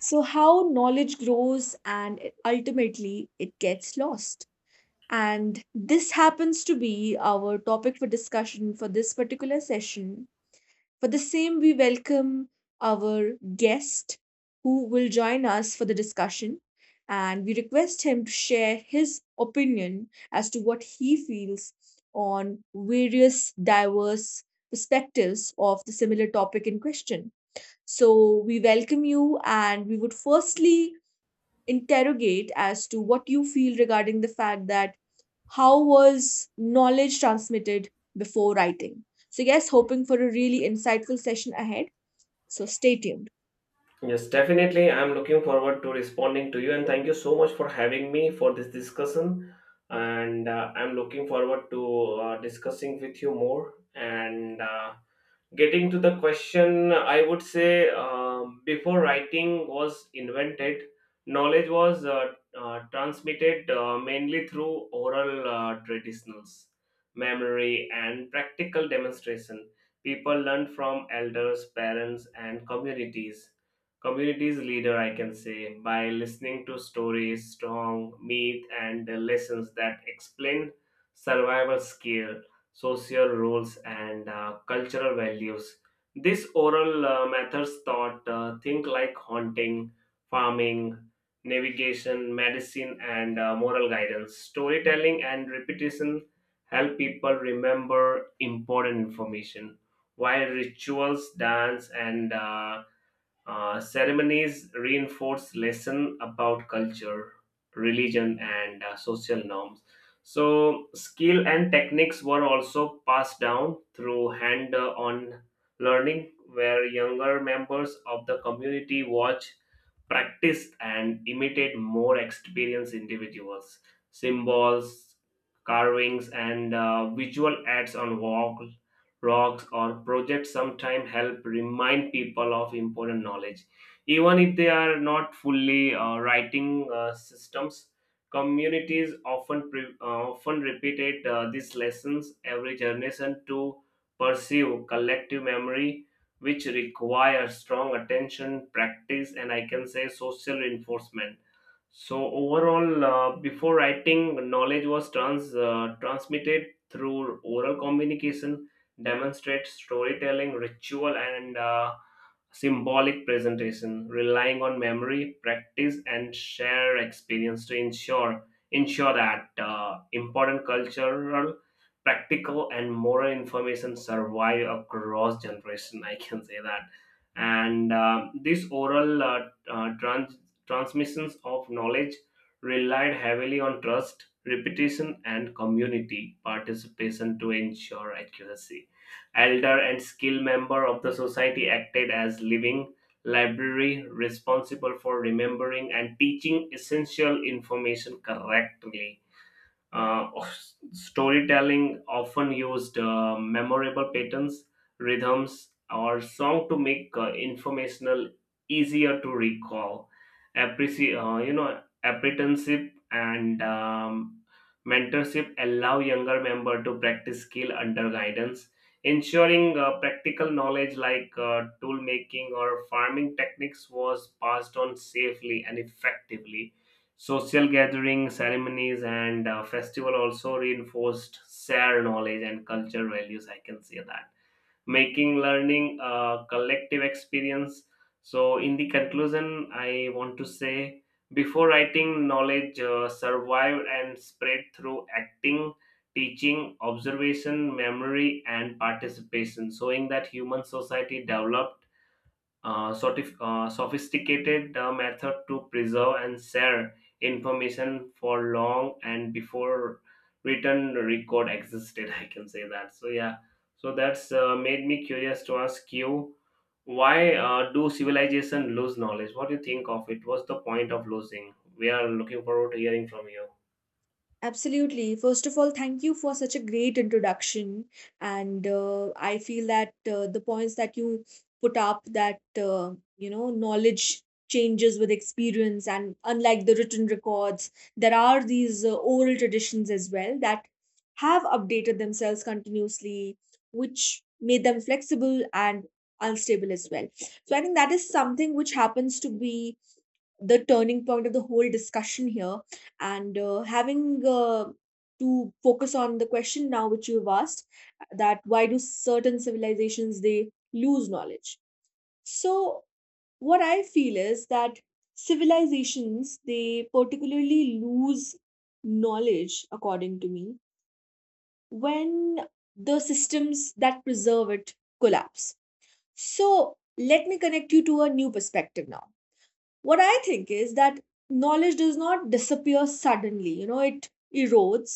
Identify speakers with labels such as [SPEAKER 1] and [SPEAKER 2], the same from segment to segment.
[SPEAKER 1] So, how knowledge grows and ultimately it gets lost. And this happens to be our topic for discussion for this particular session. For the same, we welcome our guest who will join us for the discussion. And we request him to share his opinion as to what he feels on various diverse perspectives of the similar topic in question. So we welcome you, and we would firstly interrogate as to what you feel regarding the fact that how was knowledge transmitted before writing. So, yes, hoping for a really insightful session ahead. So, stay tuned.
[SPEAKER 2] Yes, definitely. I'm looking forward to responding to you, and thank you so much for having me for this discussion. And I'm looking forward to discussing with you more. And Getting to the question, I would say before writing was invented, knowledge was transmitted mainly through oral traditionals, memory, and practical demonstration. People learned from elders, parents, and communities. Communities leader, I can say, by listening to stories, strong myth, and lessons that explain survival skill social roles, and cultural values. This oral methods taught things like haunting, farming, navigation, medicine, and moral guidance. Storytelling and repetition help people remember important information, while rituals, dance, and ceremonies reinforce lesson about culture, religion, and social norms. So, skill and techniques were also passed down through hand-on learning, where younger members of the community watch practice and imitate more experienced individuals. Symbols, carvings, and visual ads on walls, rocks, or projects sometimes help remind people of important knowledge. Even if they are not fully writing systems, communities often repeated these lessons every generation to pursue collective memory, which requires strong attention, practice, and I can say social reinforcement. So overall, before writing, knowledge was transmitted through oral communication, demonstrate storytelling, ritual, and symbolic presentation, relying on memory, practice, and shared experience to ensure that important cultural, practical, and moral information survive across generation. I can say that, and these oral uh, trans- transmissions of knowledge relied heavily on trust, repetition, and community participation to ensure accuracy. Elder and skilled member of the society acted as living library responsible for remembering and teaching essential information correctly. uh, Storytelling often used memorable patterns, rhythms, or song to make informational easier to recall. Apprenticeship and mentorship allow younger member to practice skill under guidance, ensuring practical knowledge like tool making or farming techniques was passed on safely and effectively. Social gatherings, ceremonies, and festival also reinforced shared knowledge and culture values. I can say that, making learning a collective experience. So, in the conclusion, I want to say before writing, knowledge survived and spread through acting, teaching, observation, memory, and participation, showing that human society developed sort of sophisticated method to preserve and share information for long and before written record existed. I can say that. So yeah, so that's made me curious to ask you, why do civilization lose knowledge? What do you think of it? What's the point of losing? We are looking forward to hearing from you.
[SPEAKER 1] Absolutely. First of all, thank you for such a great introduction. And I feel that the points that you put up that knowledge changes with experience. And unlike the written records, there are these oral traditions as well that have updated themselves continuously, which made them flexible and unstable as well. So I think that is something which happens to be the turning point of the whole discussion here, and having to focus on the question now which you've asked: that why do certain civilizations, they lose knowledge? So what I feel is that civilizations, they particularly lose knowledge, according to me, when the systems that preserve it collapse. So let me connect you to a new perspective now. What I think is that knowledge does not disappear suddenly. It erodes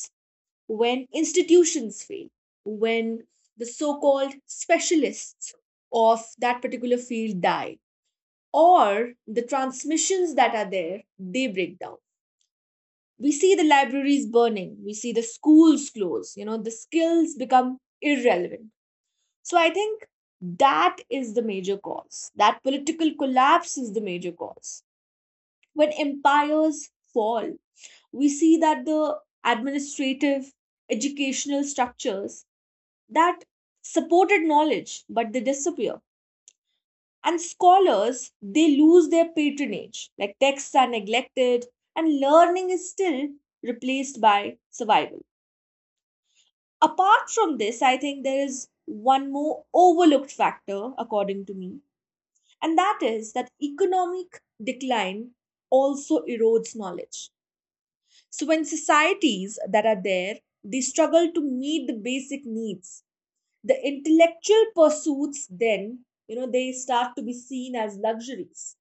[SPEAKER 1] when institutions fail, when the so-called specialists of that particular field die, or the transmissions that are there, they break down. We see the libraries burning, we see the schools close. The skills become irrelevant. So I think that is the major cause, that political collapse is the major cause. When empires fall, we see that the administrative, educational structures that supported knowledge, but they disappear. And scholars, they lose their patronage, like texts are neglected, and learning is still replaced by survival. Apart from this, I think there is one more overlooked factor, according to me, and that is that economic decline also erodes knowledge. So, when societies that are there, they struggle to meet the basic needs, the intellectual pursuits then, they start to be seen as luxuries.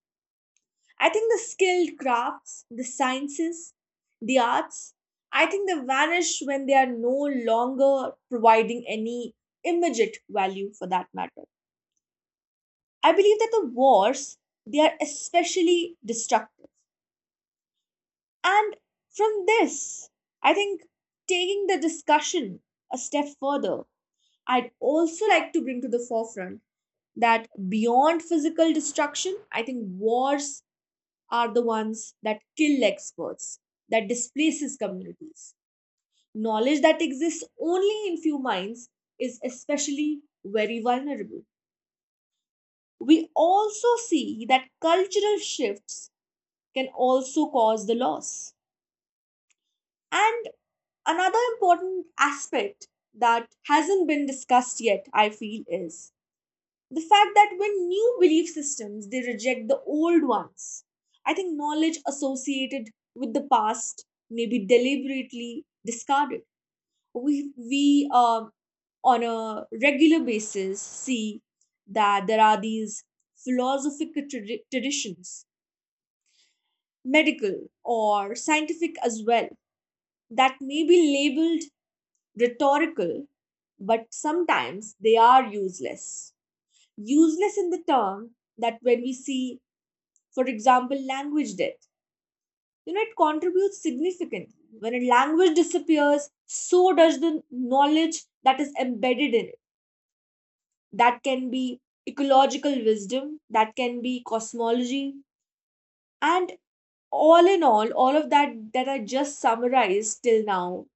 [SPEAKER 1] I think the skilled crafts, the sciences, the arts, I think they vanish when they are no longer providing any immediate value for that matter. I believe that the wars, they are especially destructive. And from this, I think, taking the discussion a step further, I'd also like to bring to the forefront that beyond physical destruction, I think wars are the ones that kill experts, that displaces communities. Knowledge that exists only in few minds is especially very vulnerable. We also see that cultural shifts can also cause the loss. And another important aspect that hasn't been discussed yet, I feel, is the fact that when new belief systems they reject the old ones. I think knowledge associated with the past may be deliberately discarded. We on a regular basis see that there are these philosophical traditions, medical or scientific as well, that may be labeled rhetorical, but sometimes they are useless. Useless in the term that when we see, for example, language death, it contributes significantly. When a language disappears, so does the knowledge that is embedded in it. That can be ecological wisdom, that can be cosmology. And all in all, all of that that I just summarized till now,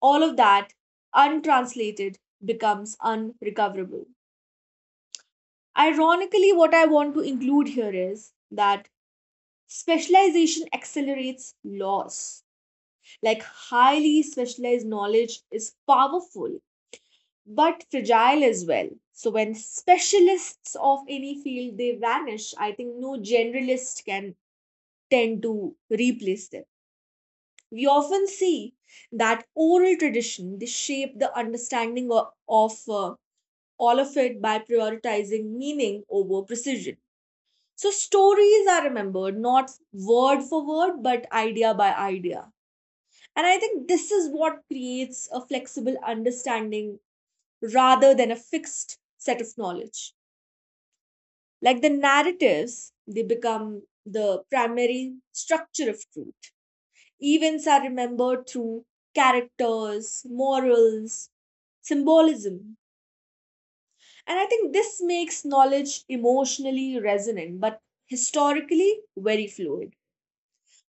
[SPEAKER 1] all of that untranslated becomes unrecoverable. Ironically, what I want to include here is that specialization accelerates loss. Like highly specialized knowledge is powerful but fragile as well. So when specialists of any field they vanish, I think no generalist can tend to replace them. We often see that oral tradition they shape the understanding of all of it by prioritizing meaning over precision. So stories are remembered not word for word, but idea by idea. And I think this is what creates a flexible understanding rather than a fixed set of knowledge. Like the narratives, they become the primary structure of truth. Events are remembered through characters, morals, symbolism. And I think this makes knowledge emotionally resonant, but historically very fluid.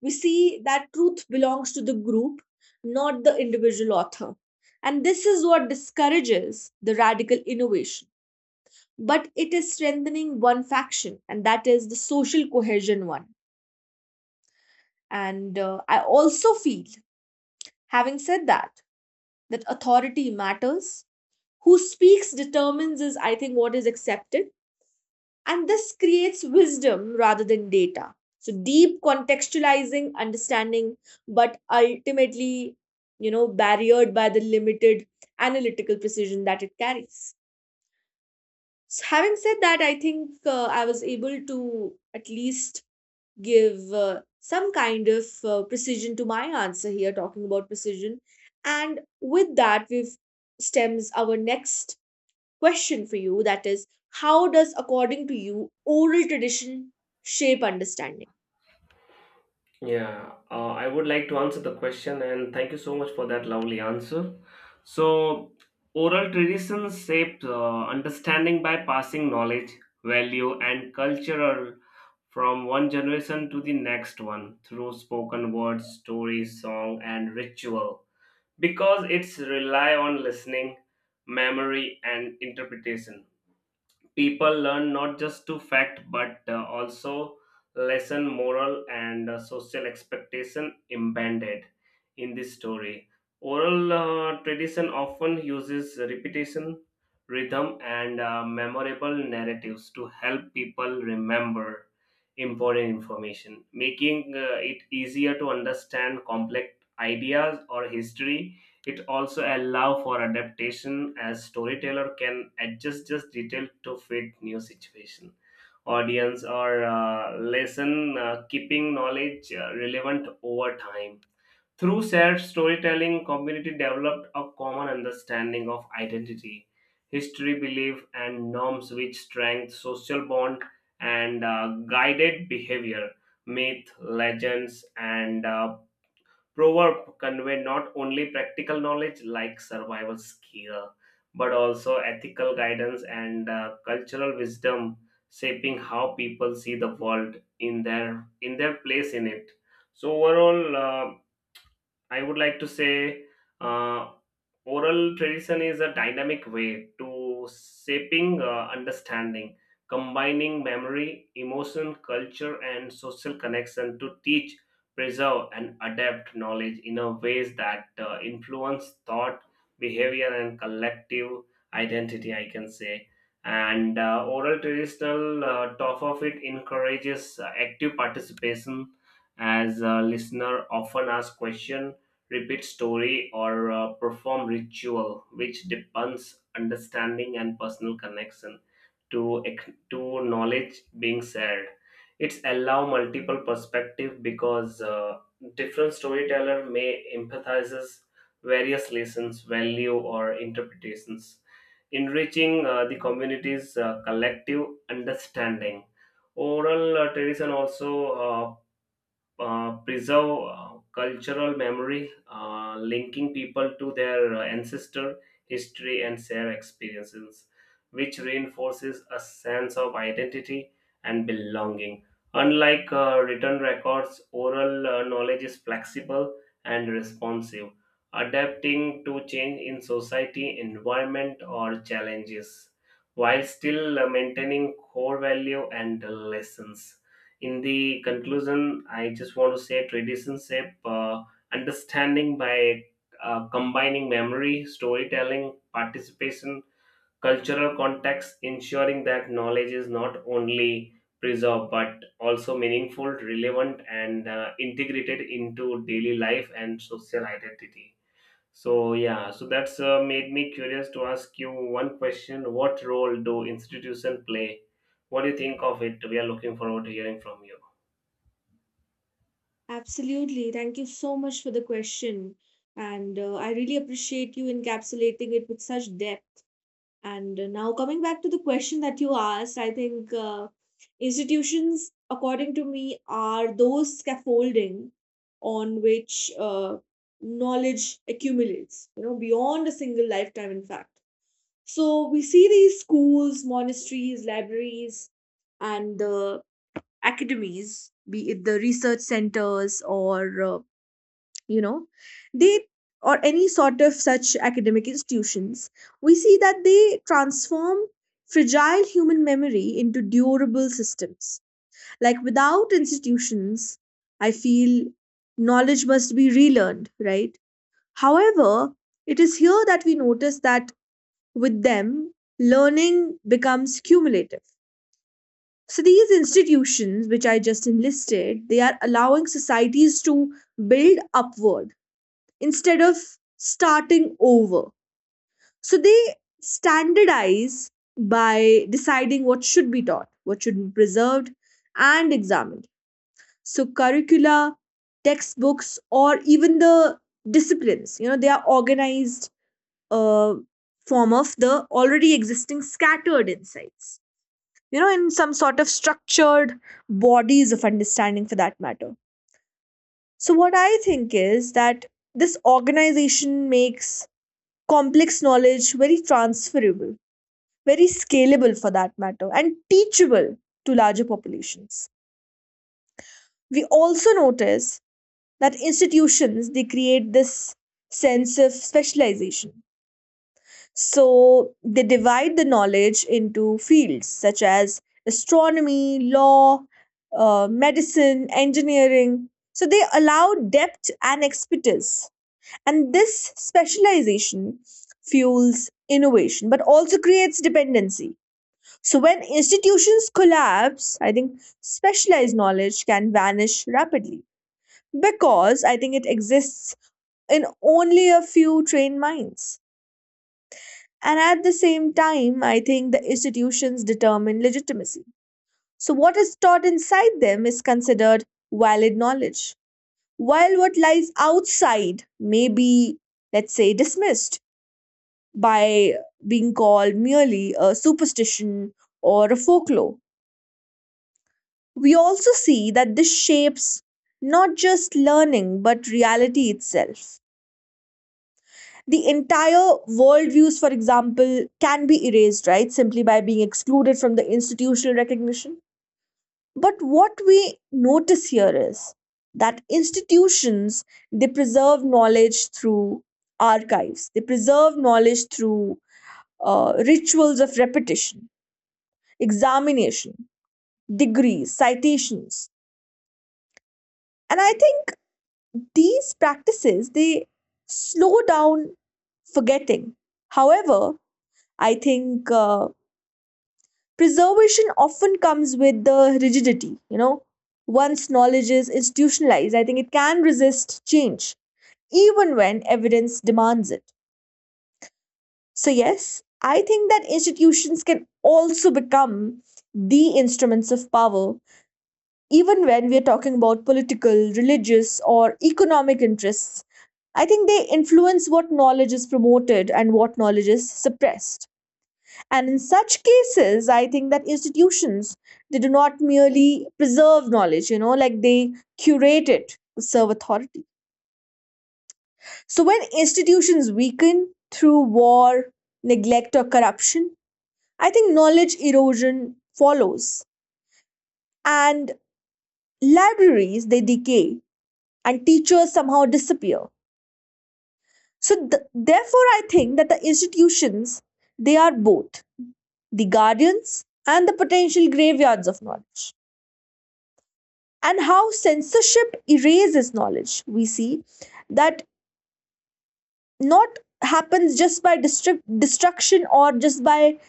[SPEAKER 1] We see that truth belongs to the group, not the individual author. And this is what discourages the radical innovation. But it is strengthening one faction, and that is the social cohesion one. And I also feel, having said that, that authority matters. Who speaks determines, is I think, what is accepted. And this creates wisdom rather than data. So deep contextualizing, understanding, but ultimately, barriered by the limited analytical precision that it carries. So having said that, I think I was able to at least give some kind of precision to my answer here, talking about precision. And with that, we've stems our next question for you, that is, how does, according to you, oral tradition shape understanding?
[SPEAKER 2] Yeah, I would like to answer the question, and thank you so much for that lovely answer. So, oral traditions shape understanding by passing knowledge, value, and cultural from one generation to the next one through spoken words, stories, song, and ritual. Because it's rely on listening, memory, and interpretation, people learn not just to fact but also lesson moral and social expectation embedded in this story. Oral tradition often uses repetition, rhythm, and memorable narratives to help people remember important information, making it easier to understand complex ideas or history. It also allows for adaptation as storyteller can adjust just detail to fit new situation, audience, or lesson, keeping knowledge relevant over time. Through shared storytelling, community developed a common understanding of identity, history, belief, and norms, which strengthened social bond and guided behavior. Myth, legends, and Proverb convey not only practical knowledge like survival skill, but also ethical guidance and cultural wisdom, shaping how people see the world in their place in it. So overall, I would like to say uh, oral tradition is a dynamic way to shaping understanding, combining memory, emotion, culture, and social connection to teach, preserve, and adapt knowledge in a ways that influence thought, behavior, and collective identity. I can say. And Oral traditional top of it encourages active participation as a listener often ask question, repeat story, or perform ritual, which depends understanding and personal connection to knowledge being shared. It's allow multiple perspective because different storyteller may empathizes various lessons value or interpretations, enriching the community's collective understanding. Oral tradition also uh, preserve cultural memory, linking people to their ancestor, history, and shared experiences, which reinforces a sense of identity and belonging. Unlike written records, oral knowledge is flexible and responsive, adapting to change in society, environment, or challenges, while still maintaining core value and lessons. In the conclusion, I just want to say tradition shape understanding by combining memory, storytelling, participation, cultural context, ensuring that knowledge is not only preserved but also meaningful, relevant, and integrated into daily life and social identity. So yeah, so that's made me curious to ask you one question: what role do institution play? What do you think of it? We are looking forward to hearing from you.
[SPEAKER 1] Absolutely. Thank you so much for the question. And I really appreciate you encapsulating it with such depth. And now, coming back to the question that you asked, I think institutions, according to me, are those scaffolding on which knowledge accumulates, beyond a single lifetime, in fact. So we see these schools, monasteries, libraries, and the academies, be it the research centers or, you know, they or any sort of such academic institutions, we see that they transform fragile human memory into durable systems. Like without institutions, I feel knowledge must be relearned, right? However, it is here that we notice that with them, learning becomes cumulative. So these institutions, which I just enlisted, they are allowing societies to build upward instead of starting over. So they standardize by deciding what should be taught, what should be preserved and examined. So curricula, textbooks, or even the disciplines, they are organized uh, form of the already existing scattered insights. In some sort of structured bodies of understanding for that matter. So, what I think is that this organization makes complex knowledge very transferable, very scalable for that matter, and teachable to larger populations. We also notice that institutions they create this sense of specialization. So they divide the knowledge into fields such as astronomy, law, medicine, engineering. So they allow depth and expertise. And this specialization fuels innovation but also creates dependency. So when institutions collapse, I think specialized knowledge can vanish rapidly because I think it exists in only a few trained minds. And at the same time, I think the institutions determine legitimacy. So, what is taught inside them is considered valid knowledge, while what lies outside may be, let's say, dismissed by being called merely a superstition or a folklore. We also see that this shapes not just learning but reality itself. The entire worldviews, for example, can be erased, right? Simply by being excluded from the institutional recognition. But what we notice here is that institutions they preserve knowledge through archives, they preserve knowledge through rituals of repetition, examination, degrees, citations, and I think these practices they slow down forgetting. However, I think. Preservation often comes with the rigidity you know once knowledge is institutionalized, I think it can resist change even when evidence demands it. So yes, I think that institutions can also become the instruments of power. Even when we are talking about political, religious or economic interests, I think they influence what knowledge is promoted and what knowledge is suppressed. And in such cases, I think that institutions they do not merely preserve knowledge, like they curate it to serve authority. So when institutions weaken through war, neglect, or corruption, I think knowledge erosion follows. And libraries they decay and teachers somehow disappear. So therefore I think that the institutions they are both the guardians and the potential graveyards of knowledge. And how censorship erases knowledge. We see that not happens just by destruction or just by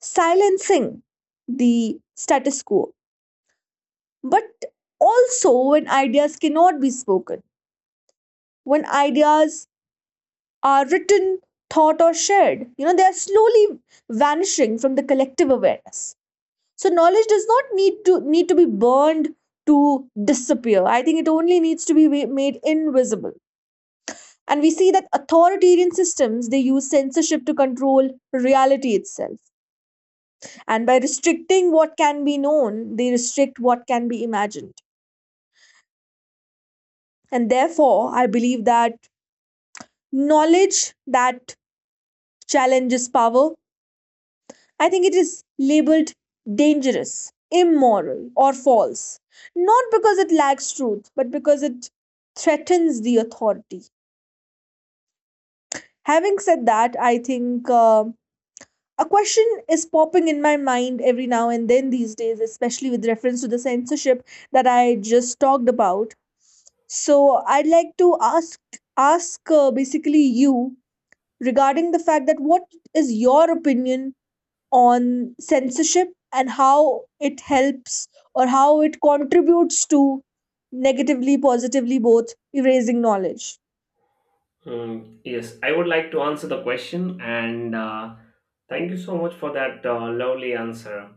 [SPEAKER 1] silencing the status quo, but also when ideas cannot be spoken, when ideas are written, thought, or shared. They are slowly vanishing from the collective awareness. So knowledge does not need to be burned to disappear. I think it only needs to be made invisible. And we see that authoritarian systems they use censorship to control reality itself. And by restricting what can be known, they restrict what can be imagined. And therefore I believe that knowledge that challenges power, I think it is labeled dangerous, immoral or false, not because it lacks truth but because it threatens the authority. Having said that, I think a question is popping in my mind every now and then these days, especially with reference to the censorship that I just talked about. So I'd like to ask basically you regarding the fact that what is your opinion on censorship and how it helps or how it contributes to negatively, positively both erasing knowledge.
[SPEAKER 2] Mm, yes, I would like to answer the question, and thank you so much for that lovely answer.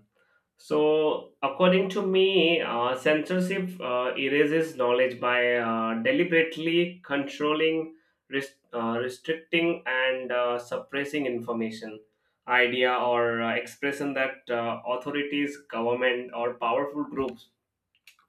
[SPEAKER 2] So, according to me, censorship erases knowledge by deliberately controlling, restricting, and suppressing information, idea, or expression that authorities, government, or powerful groups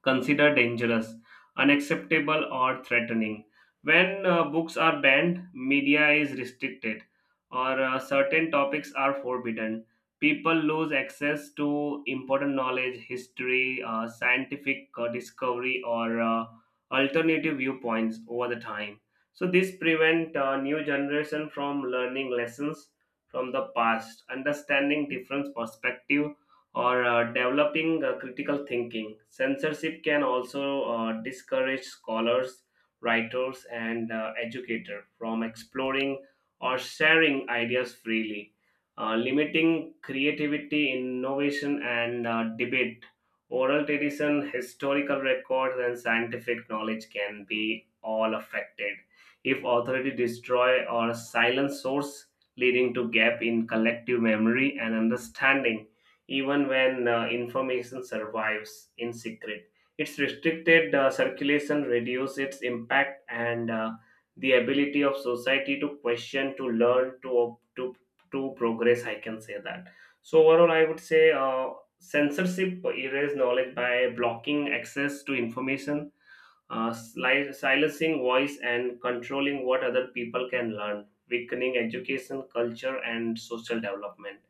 [SPEAKER 2] considered dangerous, unacceptable, or threatening. When books are banned, media is restricted, or certain topics are forbidden. People lose access to important knowledge, history, scientific discovery, or alternative viewpoints over the time. So this prevent new generation from learning lessons from the past, understanding different perspective, or developing critical thinking. Censorship can also discourage scholars, writers, and educators from exploring or sharing ideas freely, limiting creativity, innovation, and debate. Oral tradition, historical records, and scientific knowledge can be all affected if authority destroy or silence source, leading to gap in collective memory and understanding even when information survives in secret. Its restricted circulation reduces its impact and the ability of society to question, to learn, to op- to to progress. I can say that. So overall, I would say censorship erases knowledge by blocking access to information, silencing voice and controlling what other people can learn, weakening education, culture, and social development,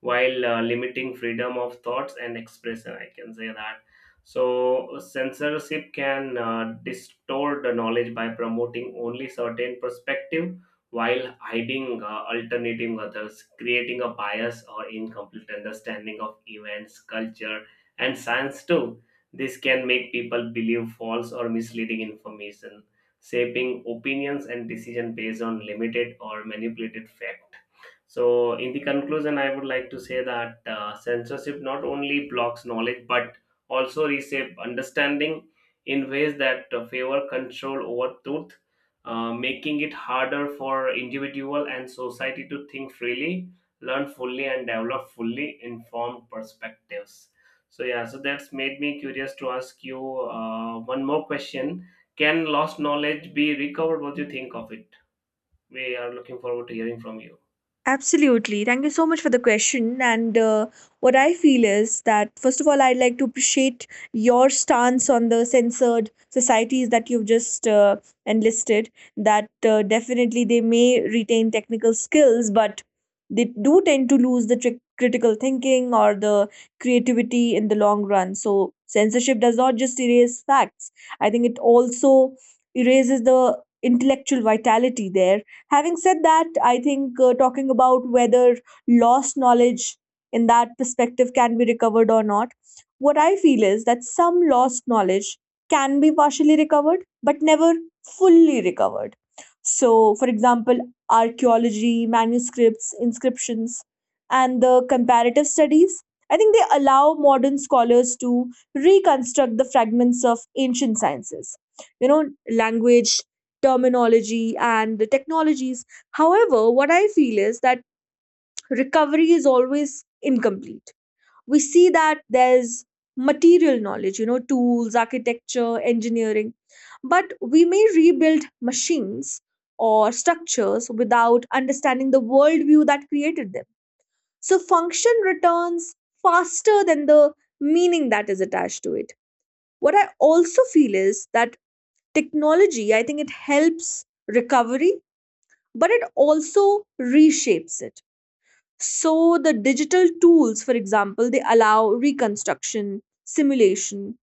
[SPEAKER 2] while limiting freedom of thoughts and expression. I can say that. So, censorship can distort the knowledge by promoting only certain perspective while hiding alternating others, creating a bias or incomplete understanding of events, culture, and science too. This can make people believe false or misleading information, shaping opinions and decision based on limited or manipulated fact. So, in the conclusion, I would like to say that censorship not only blocks knowledge but also reshape understanding in ways that favor control over truth, making it harder for individual and society to think freely, learn fully, and develop fully informed perspectives. So yeah, so that's made me curious to ask you one more question. Can lost knowledge be recovered? What do you think of it? We are looking forward to hearing from you.
[SPEAKER 1] Absolutely. Thank you so much for the question. And What I feel is that, first of all, I'd like to appreciate your stance on the censored societies that you've just enlisted, that definitely they may retain technical skills, but they do tend to lose the critical thinking or the creativity in the long run. So, censorship does not just erase facts, I think it also erases the intellectual vitality there. Having said that, I think talking about whether lost knowledge in that perspective can be recovered or not, what I feel is that some lost knowledge can be partially recovered, but never fully recovered. So, for example, archaeology, manuscripts, inscriptions, and the comparative studies, I think they allow modern scholars to reconstruct the fragments of ancient sciences. You know, language, terminology and the technologies. However, what I feel is that recovery is always incomplete. We see that there's material knowledge, you know, tools, architecture, engineering, but we may rebuild machines or structures without understanding the worldview that created them. So, function returns faster than the meaning that is attached to it. What I also feel is that technology, I think it helps recovery but it also reshapes it. So, the digital tools, for example, they allow reconstruction, simulation,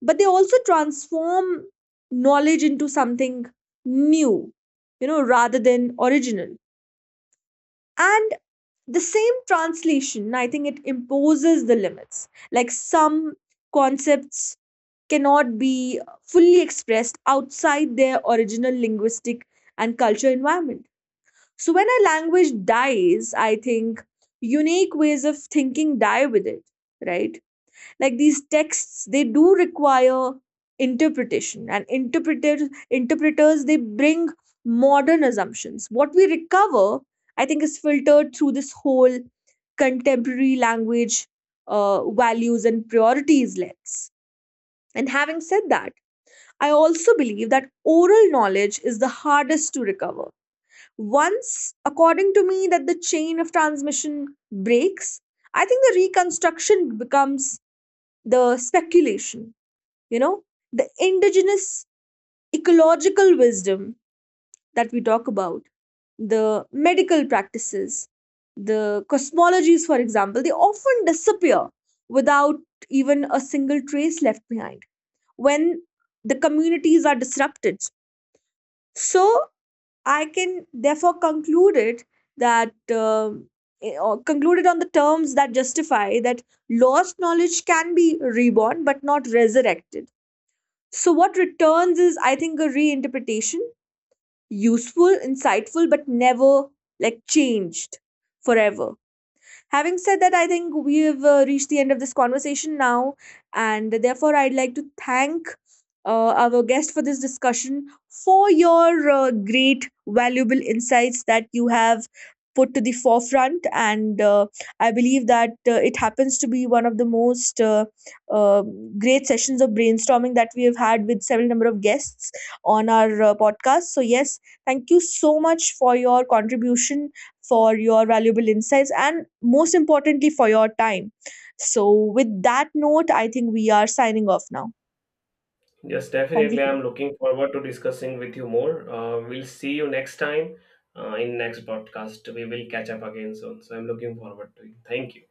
[SPEAKER 1] but they also transform knowledge into something new, you know, rather than original. And the same translation, I think it imposes the limits. Like some concepts cannot be fully expressed outside their original linguistic and cultural environment. So when a language dies, I think unique ways of thinking die with it, right? Like these texts, they do require interpretation, and interpreters they bring modern assumptions. What we recover, I think, is filtered through this whole contemporary language, values and priorities lens. And having said that, I also believe that oral knowledge is the hardest to recover. Once, according to me, that the chain of transmission breaks, I think the reconstruction becomes the speculation, you know, the indigenous ecological wisdom that we talk about, the medical practices, the cosmologies, for example, they often disappear without even a single trace left behind when the communities are disrupted. So I can therefore conclude it that or concluded on the terms that justify that lost knowledge can be reborn but not resurrected. So what returns is, I think, a reinterpretation, useful, insightful, but never like changed forever. Having said that, I think we've reached the end of this conversation now, and therefore, I'd like to thank our guest for this discussion, for your great, valuable insights that you have put to the forefront. And I believe that it happens to be one of the most uh, great sessions of brainstorming that we have had with several number of guests on our podcast. So, yes, thank you so much for your contribution, for your valuable insights, and most importantly, for your time. So, with that note, I think we are signing off now.
[SPEAKER 2] Yes,
[SPEAKER 1] Thank
[SPEAKER 2] definitely.
[SPEAKER 1] you.
[SPEAKER 2] I'm looking forward to discussing with you more. We'll see you next time in next podcast. We will catch up again soon. So I'm looking forward to it. Thank you.